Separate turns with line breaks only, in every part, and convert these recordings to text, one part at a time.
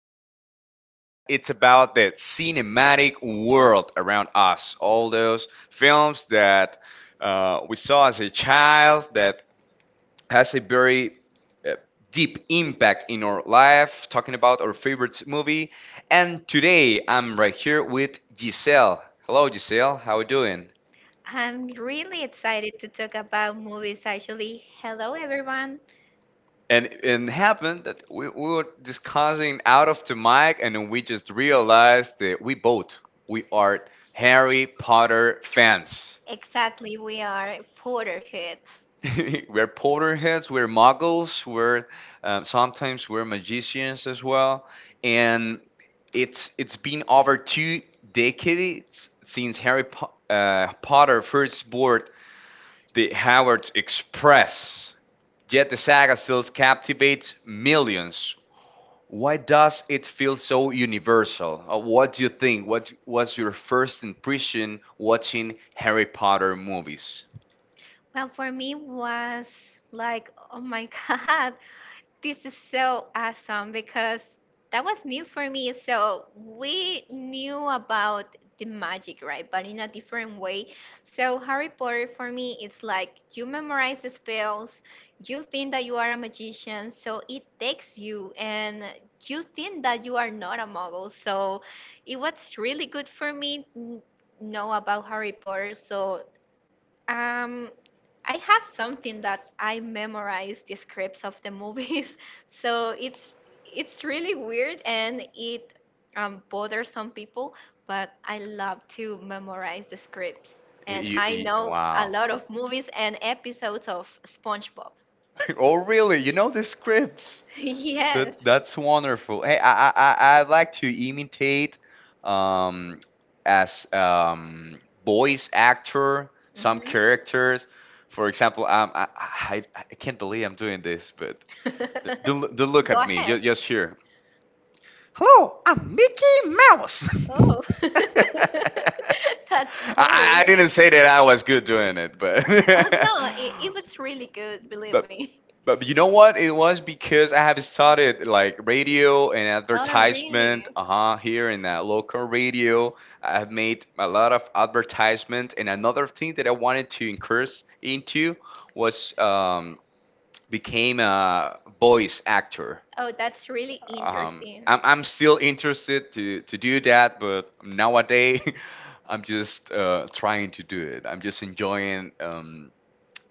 today's podcast it's about the cinematic world around us. All those films that we saw as a child that has a very uh, deep impact in our life. Talking about our favorite movie, and today I'm right here with Giselle. Hello, Giselle. How are you doing?
I'm really excited to talk about movies actually. Hello everyone.
And it happened that we were discussing out of the mic and then we just realized that we both we are Harry Potter fans.
Exactly, we are Potterheads.
We're Potterheads, we're muggles, we're sometimes we're magicians as well, and it's been over two decades since Harry Potter first boarded the Hogwarts Express. Yet the saga still captivates millions. Why does it feel so universal? What do you think? What was your first impression watching Harry Potter movies?
Well, for me was like, oh my god, this is so awesome because that was new for me. So we knew about the magic, right? But in a different way. So Harry Potter for me, it's like you memorize the spells, you think that you are a magician, so it takes you, and you think that you are not a muggle. So it was really good for me know about Harry Potter. So um, I have something that I memorize the scripts of the movies, so it's really weird and it bothers some people, but I love to memorize the scripts, and I know a
Wow.
lot of movies and episodes of SpongeBob.
Oh, really? You know the scripts?
Yes.
That's wonderful. Hey, I like to imitate um as voice actor some
Mhm.
characters. For example, I can't believe I'm doing this, but don't look
Go
at me. Just,
ahead.
just here. Hello, I'm Mickey Mouse.
Oh,
I,
that's cool.
I didn't say that I was good doing it, but
No, it was really good, believe
but
me.
but you know what? It was because I have started like radio and
Oh,
advertisement.
really?
Uh huh. Here in that local radio, I have made a lot of advertisement. And another thing that I wanted to increase into was became a voice actor
Oh, that's really interesting.
I'm still interested to do that, but nowadays I'm just trying to do it. I'm just enjoying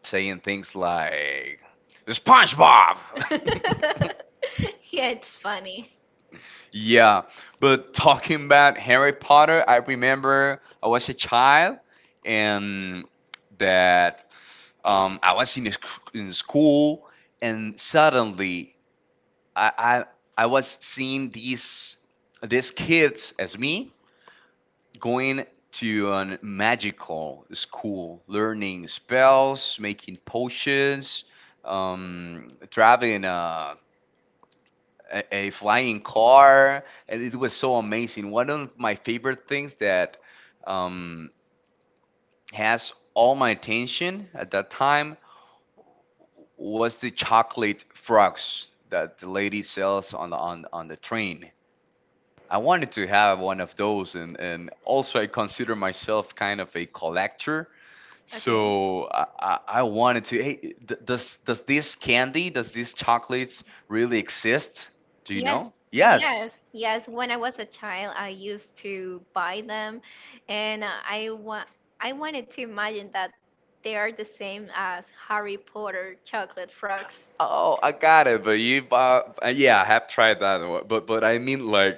saying things like SpongeBob.
Yeah, it's funny.
Yeah, but talking about Harry Potter, I remember I was a child and that I was in, in school and suddenly I I I was seeing these kids as me going to an magical school, learning spells, making potions, driving a, a flying car, and it was so amazing. One of my favorite things that um, has all my attention at that time was the chocolate frogs that the lady sells on the on the train. I wanted to have one of those, and also I consider myself kind of a collector.
Okay.
So I wanted to. Hey, does this candy, does these chocolates really exist? Do you
Yes,
know? Yes.
yes, yes. When I was a child, I used to buy them, and I wanted to imagine that they are the same as Harry Potter chocolate frogs.
Oh, I got it. But you bought, yeah, I have tried that one. But I mean like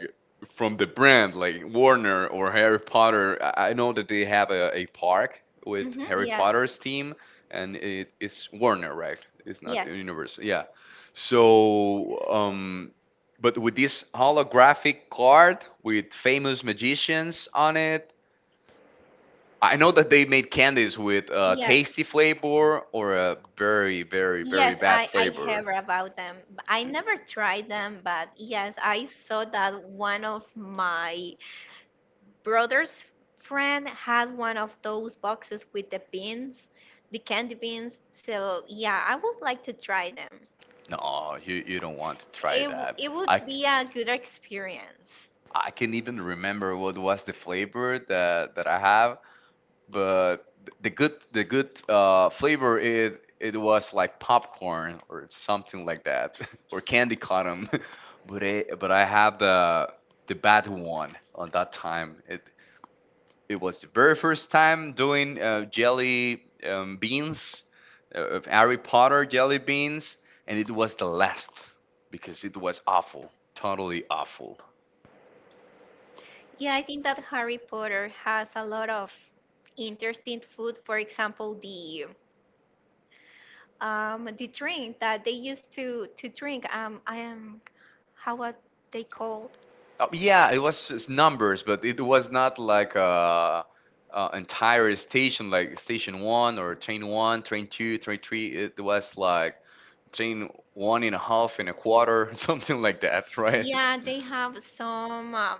from the brand like Warner or Harry Potter. I know that they have a park with
Hmm,
Harry
yes,
Potter's team, and it is Warner, right? It's not
yes,
the universe. Yeah. So but with this holographic card with famous magicians on it. I know that they made candies with a
yes.
tasty flavor or a very, very,
Yes,
very bad
I
flavor.
hear about them. I never tried them, but yes, I saw that one of my brother's friend had one of those boxes with the beans, the candy beans. So yeah, I would like to try them.
No, you don't want to try that.
It would
I c-
be a good experience.
I can even remember what was the flavor that I have, but the good flavor it was like popcorn or something like that or candy cotton, but it, but I had the bad one on that time. It was the very first time doing jelly beans, of Harry Potter jelly beans, and it was the last because it was awful, totally awful.
Yeah, I think that Harry Potter has a lot of interesting food. For example, the drink that they used to drink. I am how what they called.
Oh, yeah, it was just numbers, but it was not like a entire station, like station one or train one, train two, train three. It was like train one and a half and a quarter, something like that, right?
Yeah, they have some um,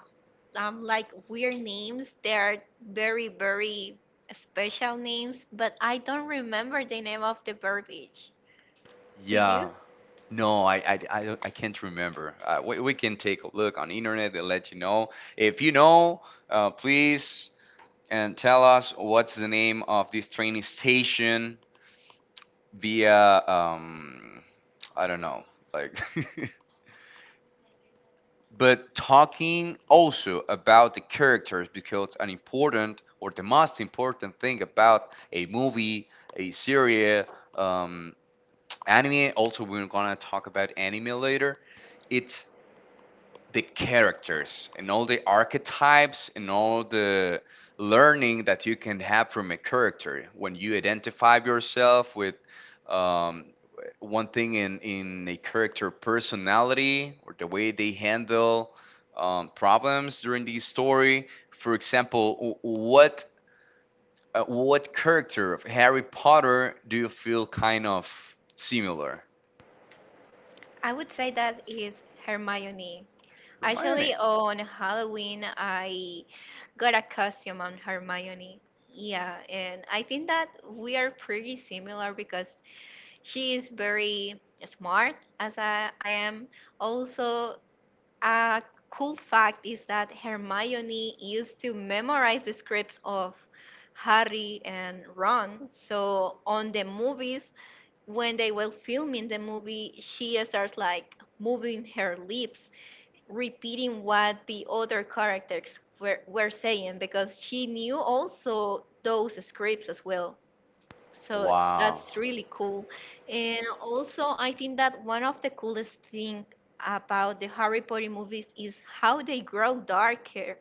um, like weird names. They are very very special names, but I don't remember the name of the beverage. Do
Yeah,
you?
No, I can't remember. We can take a look on internet and let you know. If you know, please and tell us what's the name of this training station via I don't know, like. But talking also about the characters because an important or the most important thing about a movie, a series, um, anime. Also, we're gonna talk about anime later it's the characters and all the archetypes and all the learning that you can have from a character when you identify yourself with um, one thing in a character personality or the way they handle problems during the story. For example what character of Harry Potter do you feel kind of similar?
I would say that is Hermione.
Hermione.
Actually, on Halloween, I got a costume on Hermione. Yeah, and I think that we are pretty similar because she is very smart, as I am. Also, a cool fact is that Hermione used to memorize the scripts of Harry and Ron. So, on the movies, when they were filming the movie, she starts like moving her lips repeating what the other characters were saying because she knew also those scripts as well. So
Wow,
that's really cool. And also, I think that one of the coolest thing about the Harry Potter movies is how they grow darker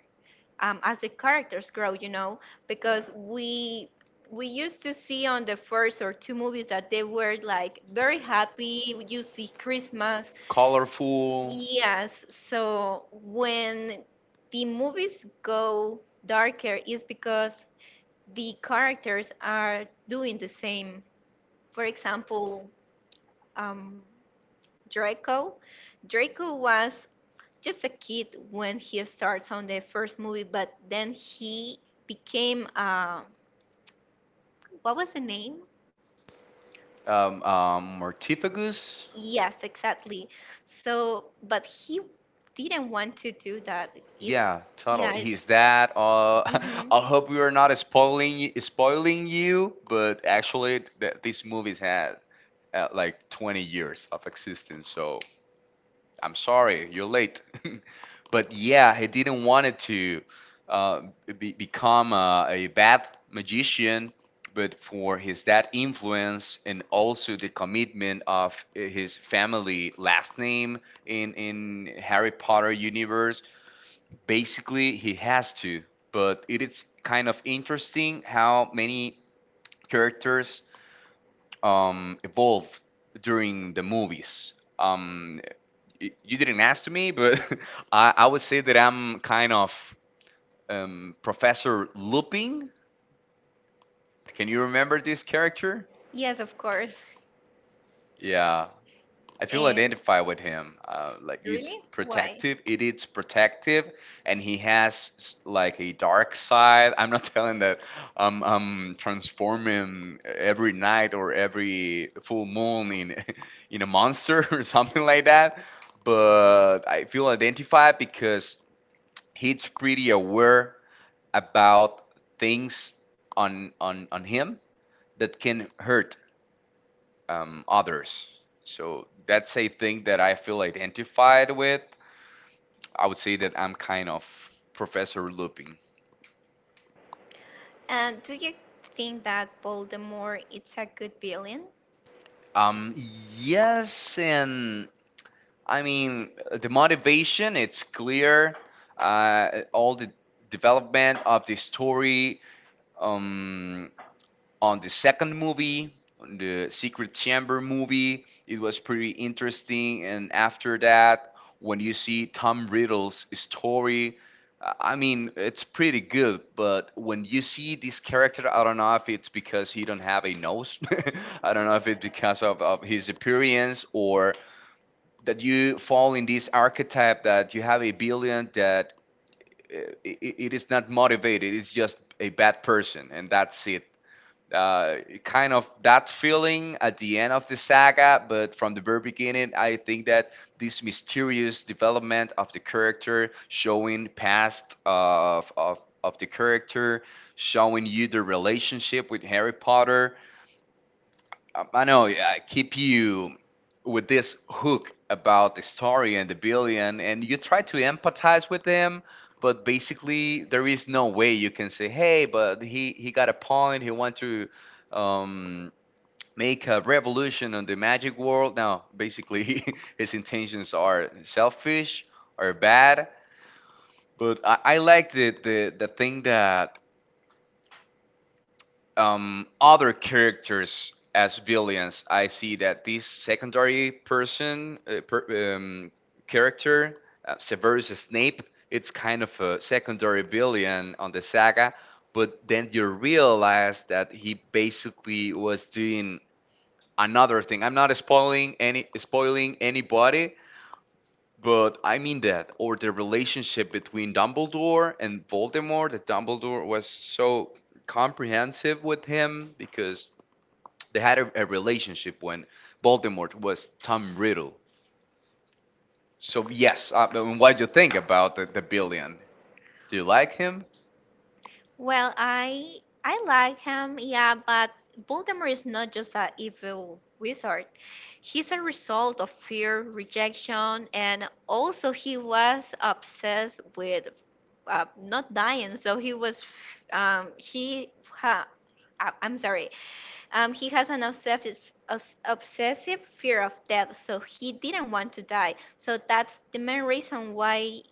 as the characters grow, because we used to see on the first or two movies that they were like very happy. You see Christmas,
colorful.
yes. So when the movies go darker, is because the characters are doing the same. For example, um, Draco. Draco was just a kid when he starts on the first movie, but then he became what was the name?
Mortifagus.
Yes, exactly. So, but he didn't want to do that. It's
Yeah,
yeah,
totally.
it's
He's that.
mhm.
I hope we are not spoiling you, but actually, this movie's had like 20 years of existence. So I'm sorry, you're late. But yeah, he didn't want it to uh, be, become a bad magician, but for his dad influence and also the commitment of his family last name in Harry Potter universe, basically he has to. But it is kind of interesting how many characters evolved during the movies. You didn't ask to me, but I would say that I'm kind of Professor Lupin. Can you remember this character?
Yes, of course.
Yeah, I feel
And
identified with him. Like it's
really, why?
protective. It is protective, and he has s- like a dark side. I'm not telling that I'm transforming every night or every full moon in in a monster or something like that. But I feel identified because he's pretty aware about things on him that can hurt others. So that's a thing that I feel identified with. I would say that I'm kind of Professor Lupin.
And do you think that Voldemort it's a good villain?
Um, yes, and I mean the motivation. It's clear. All the development of the story. Um, on the second movie, on the Secret Chamber movie. It was pretty interesting. And after that, when you see Tom Riddle's story, I mean, it's pretty good. But when you see this character, I don't know if it's because he don't have a nose. I don't know if it's because of his appearance or that you fall in this archetype that you have a billion that uh, it is not motivated. It's just a bad person, and that's it uh, kind of that feeling at the end of the saga, but from the very beginning, I think that this mysterious development of the character, showing past of the character, showing you the relationship with Harry Potter, I know. Yeah, I keep you with this hook about the story and the billion, and you try to empathize with them, but basically there is no way you can say, "Hey, but he got a point. He want to." Um, make a revolution on the magic world now basically his intentions are selfish or bad but I liked it the thing that other characters as villains, I see that this secondary person character, Severus Snape, it's kind of a secondary villain on the saga. But then you realize that he basically was doing another thing. I'm not spoiling any spoiling anybody, but I mean that or the relationship between Dumbledore and Voldemort. That Dumbledore was so comprehensive with him because they had a relationship when Voldemort was Tom Riddle. So yes, I mean, what do you think about the billion? Do you like him?
Well, I like him, yeah, but Voldemort is not just a evil wizard. He's a result of fear, rejection, and also he was obsessed with not dying. So he was, he I'm sorry, he has an obsessive obsessive fear of death. So he didn't want to die. So that's the main reason why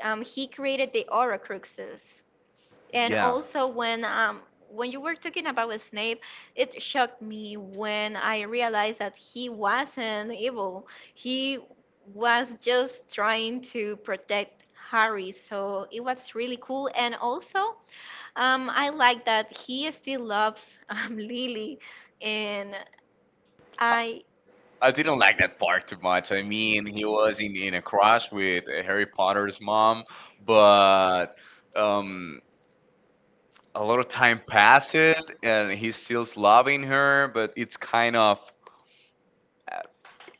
he created the Horcruxes. And
Yeah.
also when you were talking about Snape, it shocked me when I realized that he wasn't evil. He was just trying to protect Harry. So it was really cool. And also, I like that he still loves Lily, and I
I didn't like that part too much. I mean, he was in a crush with Harry Potter's mom, but um, a lot of time passed and he's still loving her, but it's kind of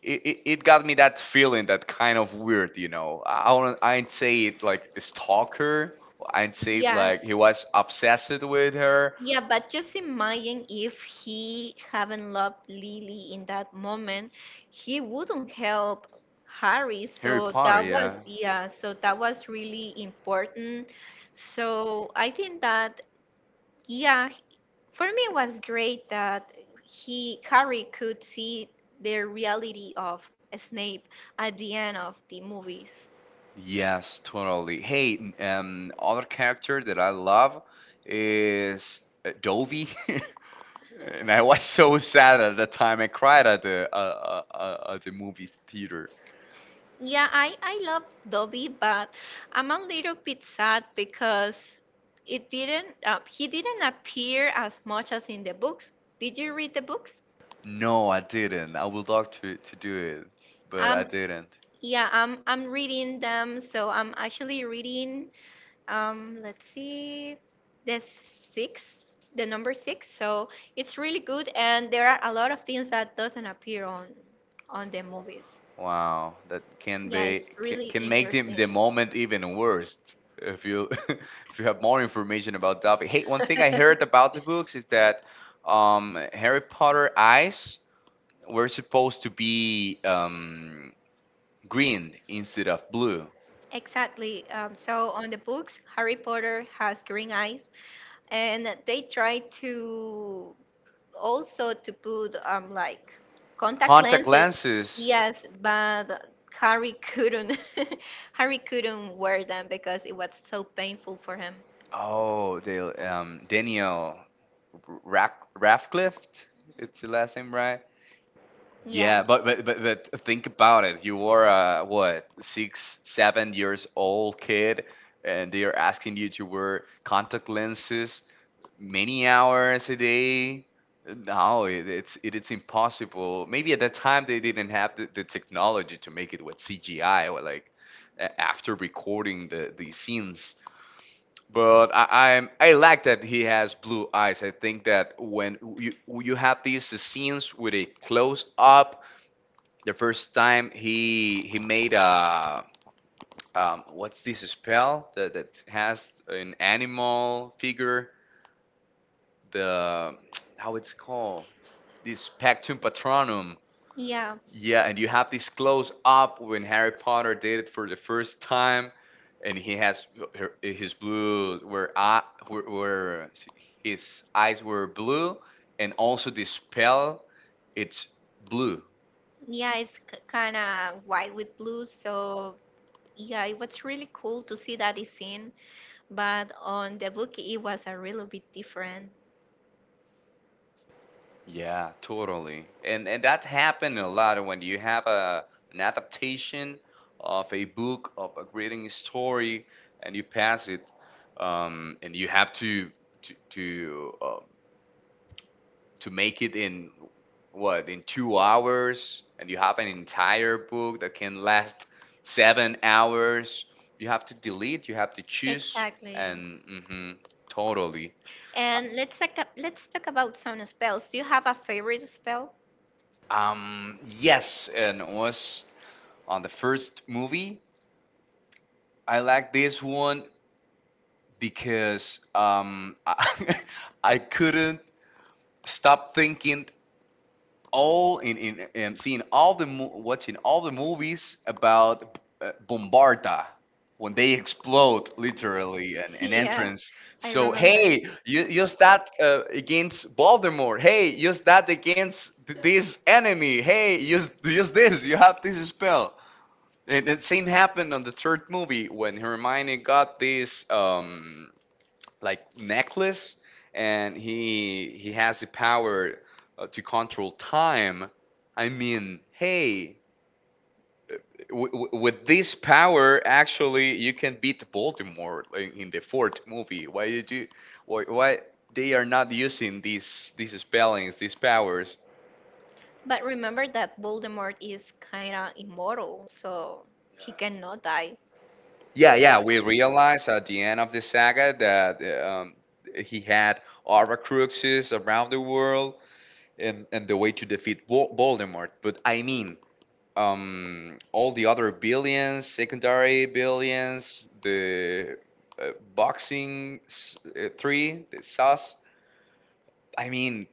it got me that feeling that kind of weird, you know. I wouldn't I'd say it like a stalker. I'd say it
yes,
like he was obsessed with her.
yeah, but just imagine if he haven't loved Lily in that moment, he wouldn't help Harry.
Harry
So
Potter,
that
yeah.
was, yeah, so that was really important. So I think that yeah, for me it was great that he Harry could see the reality of Snape at the end of the movies.
Yes, totally. Hey, other character that I love is Dovey. And I was so sad at the time. I cried at the movie theater.
Yeah, I love Dobby, but I'm a little bit sad because it didn't he didn't appear as much as in the books. Did you read the books?
No, I didn't. I would love to do it, but I
Um,
didn't.
yeah, I'm reading them, so I'm actually reading let's see the six, the number six. So it's really good and there are a lot of things that doesn't appear on the movies.
Wow, that can
Yeah,
be
it's really
can make
interesting.
the moment even worse if you if you have more information about topic. Hey, one thing I heard about the books is that Harry Potter eyes were supposed to be green instead of blue.
Exactly. So on the books, Harry Potter has green eyes, and they try to also to put like contact Contact
Contact
lenses. lenses.
lenses.
Yes, but Harry couldn't. Harry couldn't wear them because it was so painful for him.
Oh, they Radcliffe. It's the last name, right?
Yeah.
Yeah,
Yes.
but think about it. You were a what six, 7 years old kid, and they are asking you to wear contact lenses many hours a day. No, it's impossible. Maybe at that time they didn't have the technology to make it with CGI or like after recording the scenes. But I like that he has blue eyes. I think that when you have these scenes with a close up, the first time he made a what's this spell that has an animal figure, the how it's called, this pactum patronum,
Yeah.
yeah. And you have this close up when Harry Potter did it for the first time, and he has her- his blue where eye where his eyes were blue, and also the spell, it's blue.
Yeah, it's kind of white with blue, so yeah, it was really cool to see that scene, but on the book it was a little bit different.
Yeah, totally. And that happened a lot when you have a an adaptation of a book, of a reading story, and you pass it, and you have to to, uh, to make it in what in 2 hours, and you have an entire book that can last 7 hours. You have to delete, you have to choose,
Exactly.
and hmm totally.
And let's talk about some spells. Do you have a favorite spell?
Yes, and it was on the first movie. I like this one because I couldn't stop thinking, all in seeing all the watching all the movies about Bombarda, when they explode literally and an
Yeah,
entrance.
I
So
remember.
hey, you use that against Baltimore. Hey, use that against this enemy. Hey, use this. You have this spell. And the same happened on the third movie when Hermione got this, like, necklace, and he has the power, to control time. I mean, hey, with this power, actually, you can beat Baltimore, like, in the fourth movie. Why did you do? Why they are not using these spellings, these powers?
But remember that Voldemort is kinda immortal, so he cannot die.
Yeah, yeah. We realize at the end of the saga that he had Aura Cruxes around the world, and the way to defeat Voldemort. But I mean, all the other billions, secondary billions, the boxing three, the SAS. I mean,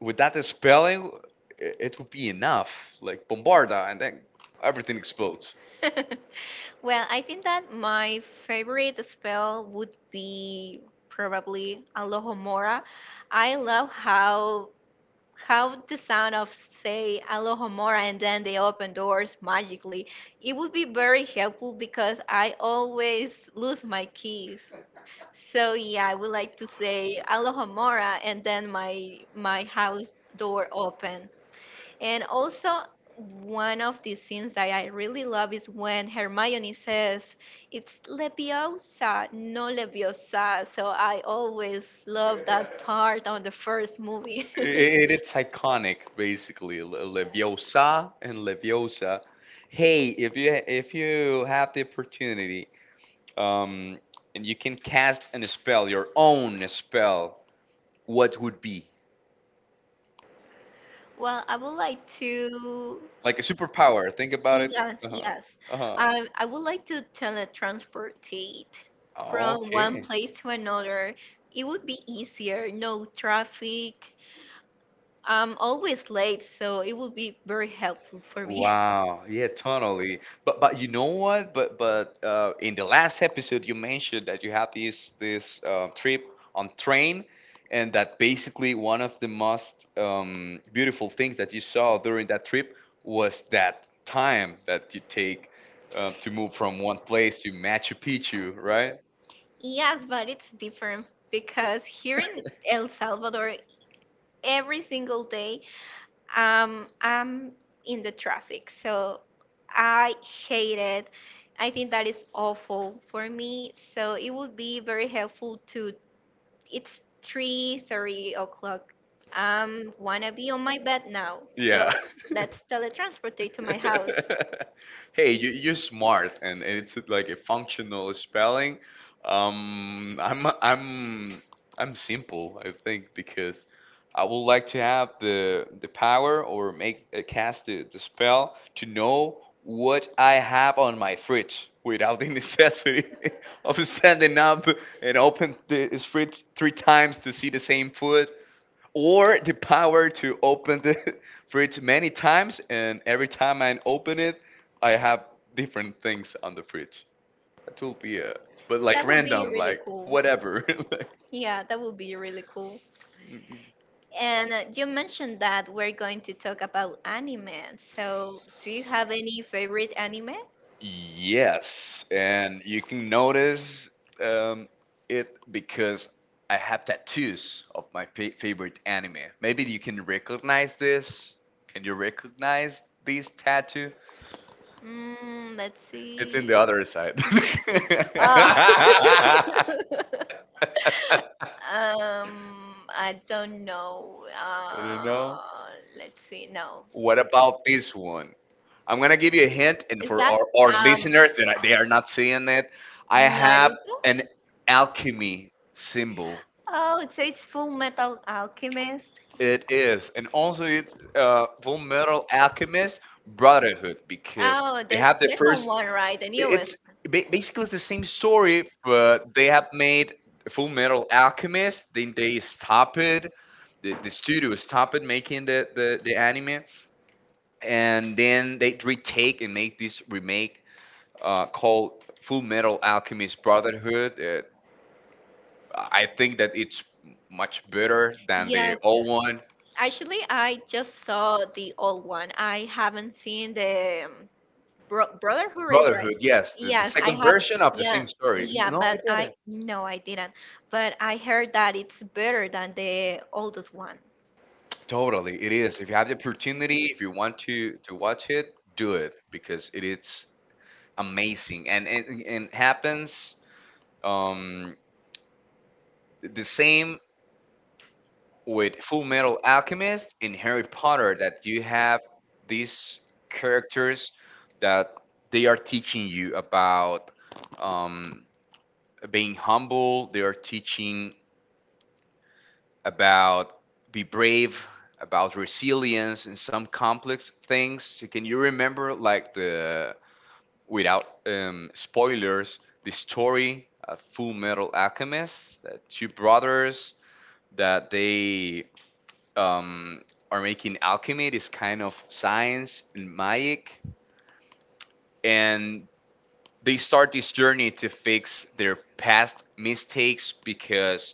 with that spelling, it would be enough. Like Bombarda, and then everything explodes.
Well, I think that my favorite spell would be probably Alohomora. I love how the sound of say alohomora and then they open doors magically. It would be very helpful because I always lose my keys, so yeah, I would like to say alohomora and then my house door open. And also one of the scenes that I really love is when Hermione says it's leviosa, no leviosa. So I always love that part on the first movie.
I- i- it's iconic, basically. Leviosa and Leviosa. Hey, if you have the opportunity, um, and you can cast and spell your own spell, what would be?
Well, I would like to.
Like a superpower. Think about it.
Yes,
Uh-huh.
yes.
Uh-huh.
I would like to teletransportate from one
Okay.
place to another. It would be easier, no traffic. I'm always late, so it would be very helpful for me.
Wow. Yeah, totally. But you know what? But in the last episode, you mentioned that you have this trip on train, and that basically one of the most beautiful things that you saw during that trip was that time that you take, to move from one place to Machu Picchu, right?
Yes, but it's different because here in El Salvador, every single day I'm in the traffic, so I hate it. I think that is awful for me. So it would be very helpful to. It's 3:30 o'clock. Wanna be on my bed now. So
Yeah.
let's teletransport to my house.
Hey, you're smart, and it's like a functional spelling. Um, I'm I'm I'm simple, I think, because I would like to have the power, or make cast the spell to know what I have on my fridge, without the necessity of standing up and open the his fridge three times to see the same food. Or the power to open the fridge many times, and every time I open it, I have different things on the fridge. That will be a, but, like,
That would be
random,
really
like
cool.
whatever.
Yeah, that would be really cool.
Like,
And you mentioned that we're going to talk about anime. So, do you have any favorite anime?
yes, and you can notice um, it, because I have tattoos of my favorite anime. Maybe you can recognize this. Can you recognize this tattoo?
Mm, let's
It's in
see.
the other side.
Uh, I don't know.
You know?
Let's see. No.
What about this one? I'm gonna give you a hint, and
Is
for
that
our
um
listeners that they are not seeing it, I have
Naruto?
an alchemy symbol.
Oh, it says Full Metal Alchemist.
It is, and also it's Full Metal Alchemist Brotherhood, because
Oh,
they
the
have the
second
first.
one, right? The
It's
newest.
basically the same story, but they have made Full Metal Alchemist. Then they stop it. The studio stopped it, making the anime, and then they retake and make this remake, called Full Metal Alchemist Brotherhood. I think that it's much better than the
Yes.
old one.
Actually, I just saw the old one. I haven't seen the brother who raised, right?
Brotherhood, yes, the
Yes, I
second
have.
version of the
Yeah,
same story.
yeah,
No, it
but I
didn't.
no, I didn't. But I heard that it's better than the oldest one.
Totally, it is. If you have the opportunity, if you want to watch it, do it, because it is amazing. And happens um the same with Full Metal Alchemist and Harry Potter, that you have these characters that they are teaching you about um, being humble. They are teaching about be brave, about resilience, and some complex things. So can you remember, like, the without spoilers, the story of Full Metal Alchemist? That two brothers that they um, are making alchemy. It's kind of science and magic, and they start this journey to fix their past mistakes, because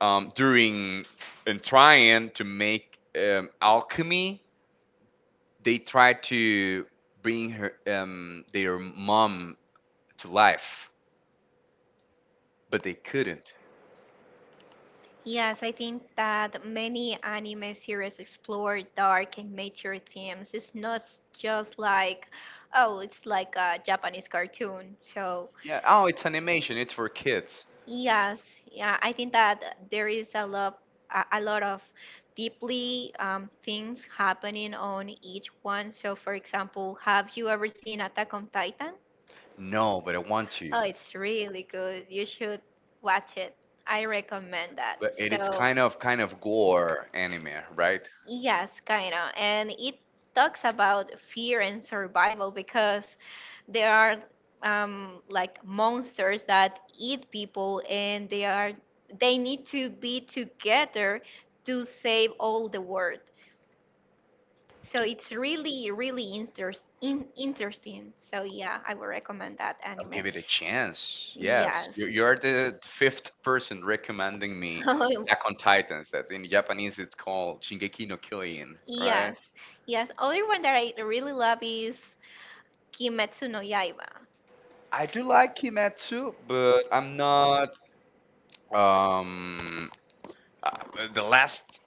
during and trying to make alchemy, they try to bring her their mom to life, but they couldn't.
Yes, I think that many anime series explore dark and mature themes. It's not just like, oh, it's like a Japanese cartoon. So
Yeah. Oh, it's animation. It's for kids.
yes, yeah, I think that there is a lot of deeply things happening on each one. So, for example, have you ever seen Attack on Titan?
No, but I want to.
Oh, it's really good. You should watch it. I recommend that.
But it's
So,
kind of gore anime, right?
yes, kinda. And it talks about fear and survival because there are like monsters that eat people and they need to be together to save all the world. So it's really, really interesting. So yeah, I would recommend that
I'll
anime.
give it a chance. Yes,
Yes.
you're the fifth person recommending me
Oh,
Attack on Titans. That in Japanese it's called Shingeki no Kyojin, right?
yes, yes. Other one that I really love is Kimetsu no Yaiba.
I do like Kimetsu, but I'm not. Um, uh, the last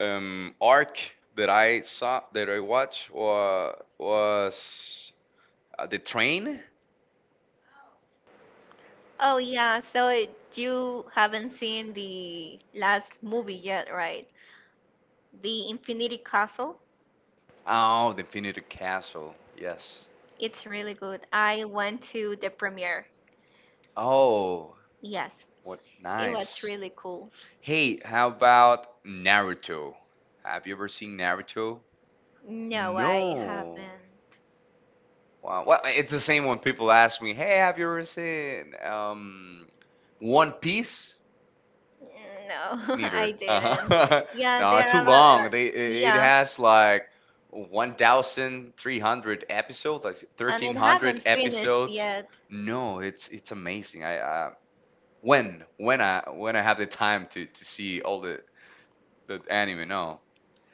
arc that I saw, that I watched, was the train.
Oh yeah, so you haven't seen the last movie yet, right? The Infinity Castle.
Oh, the Infinity Castle. Yes.
It's really good. I went to the premiere.
Oh,
Yes,
what
it was
nice.
really cool.
Hey, how about Naruto? Have you ever seen Naruto?
No, I
No.
haven't.
Wow. Well, it's the same when people ask me, "Hey, have you ever seen One Piece?"
No,
Neither.
I didn't.
Uh-huh.
Yeah,
No,
there
too
are a lot.
long. They it
Yeah,
has like 1,300 episodes, like
and it
1,300
haven't finished
episodes.
yet.
No, it's amazing. I when I have the time to see all the anime, no.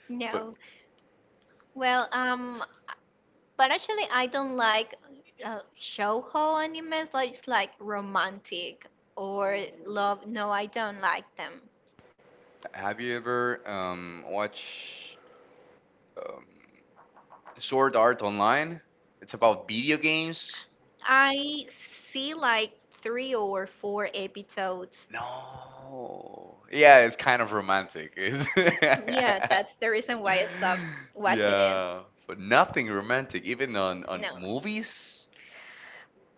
No. Well, but actually, I don't like shoujo animes. Like it's like romantic or love. No, I don't like them.
Have you ever watched um, Sword Art Online? It's about video games.
I see like three or four episodes.
No. Yeah, it's kind of romantic.
Yeah, that's the reason why I stopped watching it.
Yeah, but nothing romantic, even on
No,
movies.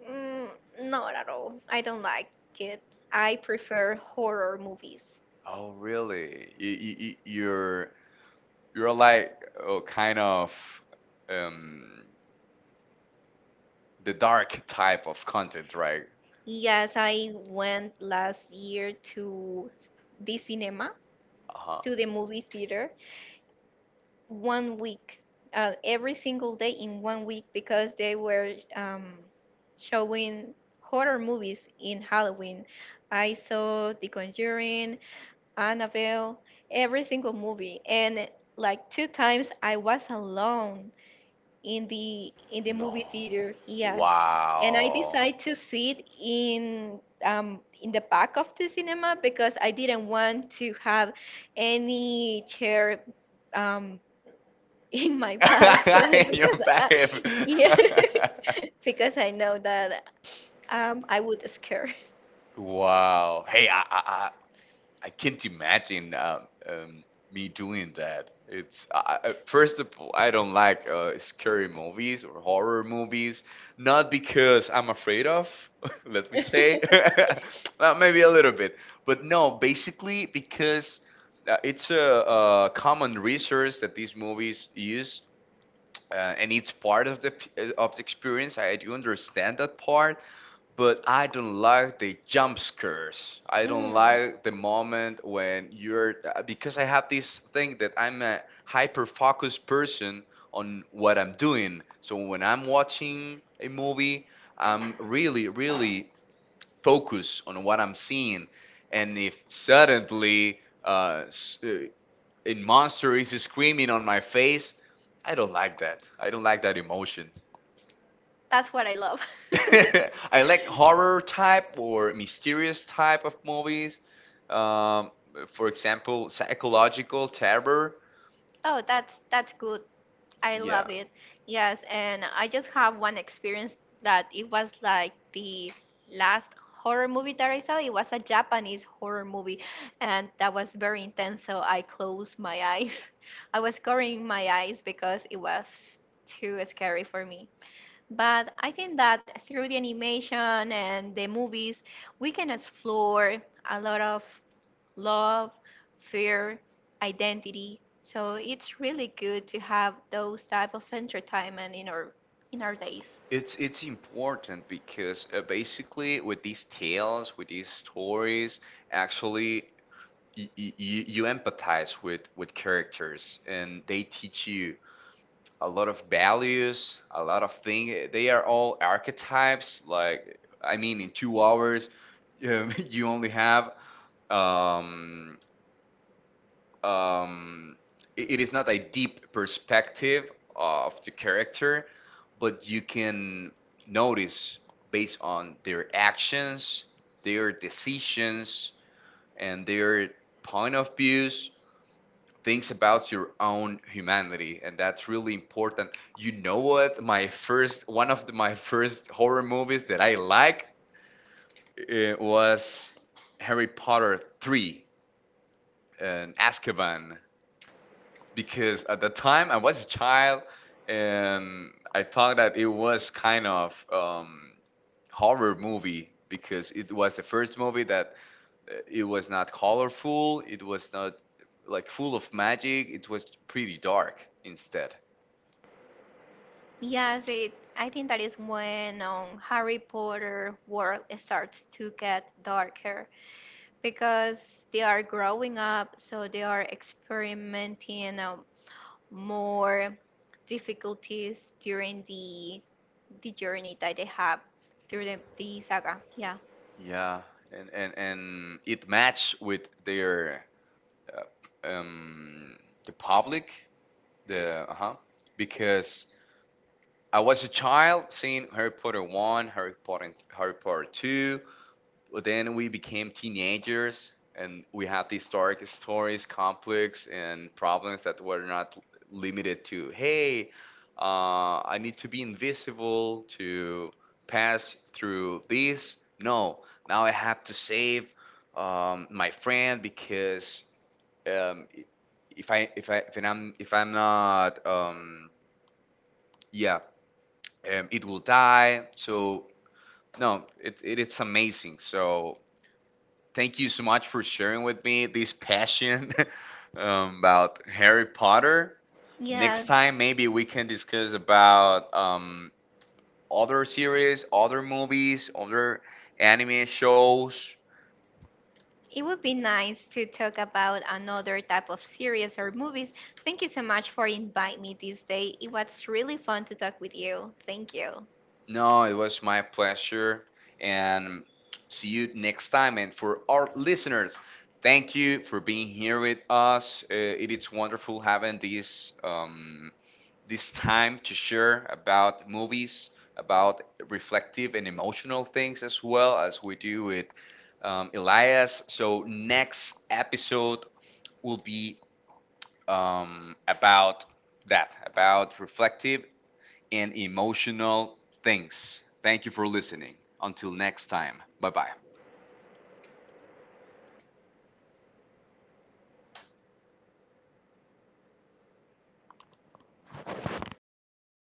mm, not at all. I don't like it. I prefer horror movies.
Oh, really? You're like, oh, kind of um, the dark type of content, right?
Yes, I went last year to the cinema
Uh huh.
to the movie theater one week, every single day in one week because they were showing horror movies in Halloween. I saw The Conjuring, Annabelle, every single movie, and like two times I was alone in the movie
No.
theater. Yes, and I
Wow.
decided to sit in the back of the cinema because I didn't want to have any chair um, in my back. So,
In your back.
yeah, because I know that I would scare.
Wow. Hey, I can't imagine me doing that. First of all, I don't like scary movies or horror movies, not because I'm afraid of, let me say, well, maybe a little bit, but no, basically because it's a common resource that these movies use, and it's part of the experience. I do understand that part, but I don't like the jump scares. I don't
Mm.
like the moment when you're because I have this thing that I'm a hyper focused person on what I'm doing. So when I'm watching a movie, I'm really, really focused on what I'm seeing, and if suddenly in monster is screaming on my face. I don't like that. I don't like that emotion.
That's what I love.
I like horror type or mysterious type of movies. Um, for example, psychological terror.
Oh, that's good. I
Yeah,
love it. Yes, and I just have one experience that it was like the last horror movie that I saw. It was a Japanese horror movie, and that was very intense. So I closed my eyes. I was covering my eyes because it was too scary for me. But I think that through the animation and the movies, we can explore a lot of love, fear, identity. So it's really good to have those type of entertainment in our days.
it's important, because basically with these tales, with these stories, actually you empathize with characters, and they teach you a lot of values, a lot of things. They are all archetypes. Like, I mean, in 2 hours, you only have. Um, um, it is not a deep perspective of the character, but you can notice, based on their actions, their decisions, and their point of views, thinks about your own humanity. And that's really important. You know what, my first one of the, my first horror movies that I like it was Harry Potter 3 and Azkaban, because at the time I was a child, and I thought that it was kind of horror movie, because it was the first movie that it was not colorful, it was not, like, full of magic, it was pretty dark instead.
Yes, I think that is when Harry Potter world starts to get darker because they are growing up, so they are experimenting more difficulties during the journey that they have through the saga. Yeah.
Yeah, and it match with their uh, um the public, the uh-huh, because I was a child seeing Harry Potter 1, Harry Potter 2. Well, then we became teenagers, and we had these dark stories, conflicts, and problems that were not limited to, hey, I need to be invisible to pass through this. No, now I have to save my friend, because um, if I'm not, yeah, it will die. So no, it's amazing. So thank you so much for sharing with me this passion about Harry Potter.
Yeah.
Next time, maybe we can discuss about other series, other movies, other anime shows.
It would be nice to talk about another type of series or movies. Thank you so much for inviting me this day. It was really fun to talk with you. Thank you.
No, it was my pleasure. And see you next time. And for our listeners, thank you for being here with us. It is wonderful having this. This time to share about movies, about reflective and emotional things, as well as we do with Elias. So next episode will be about that, about reflective and emotional things. Thank you for listening. Until next time. Bye bye.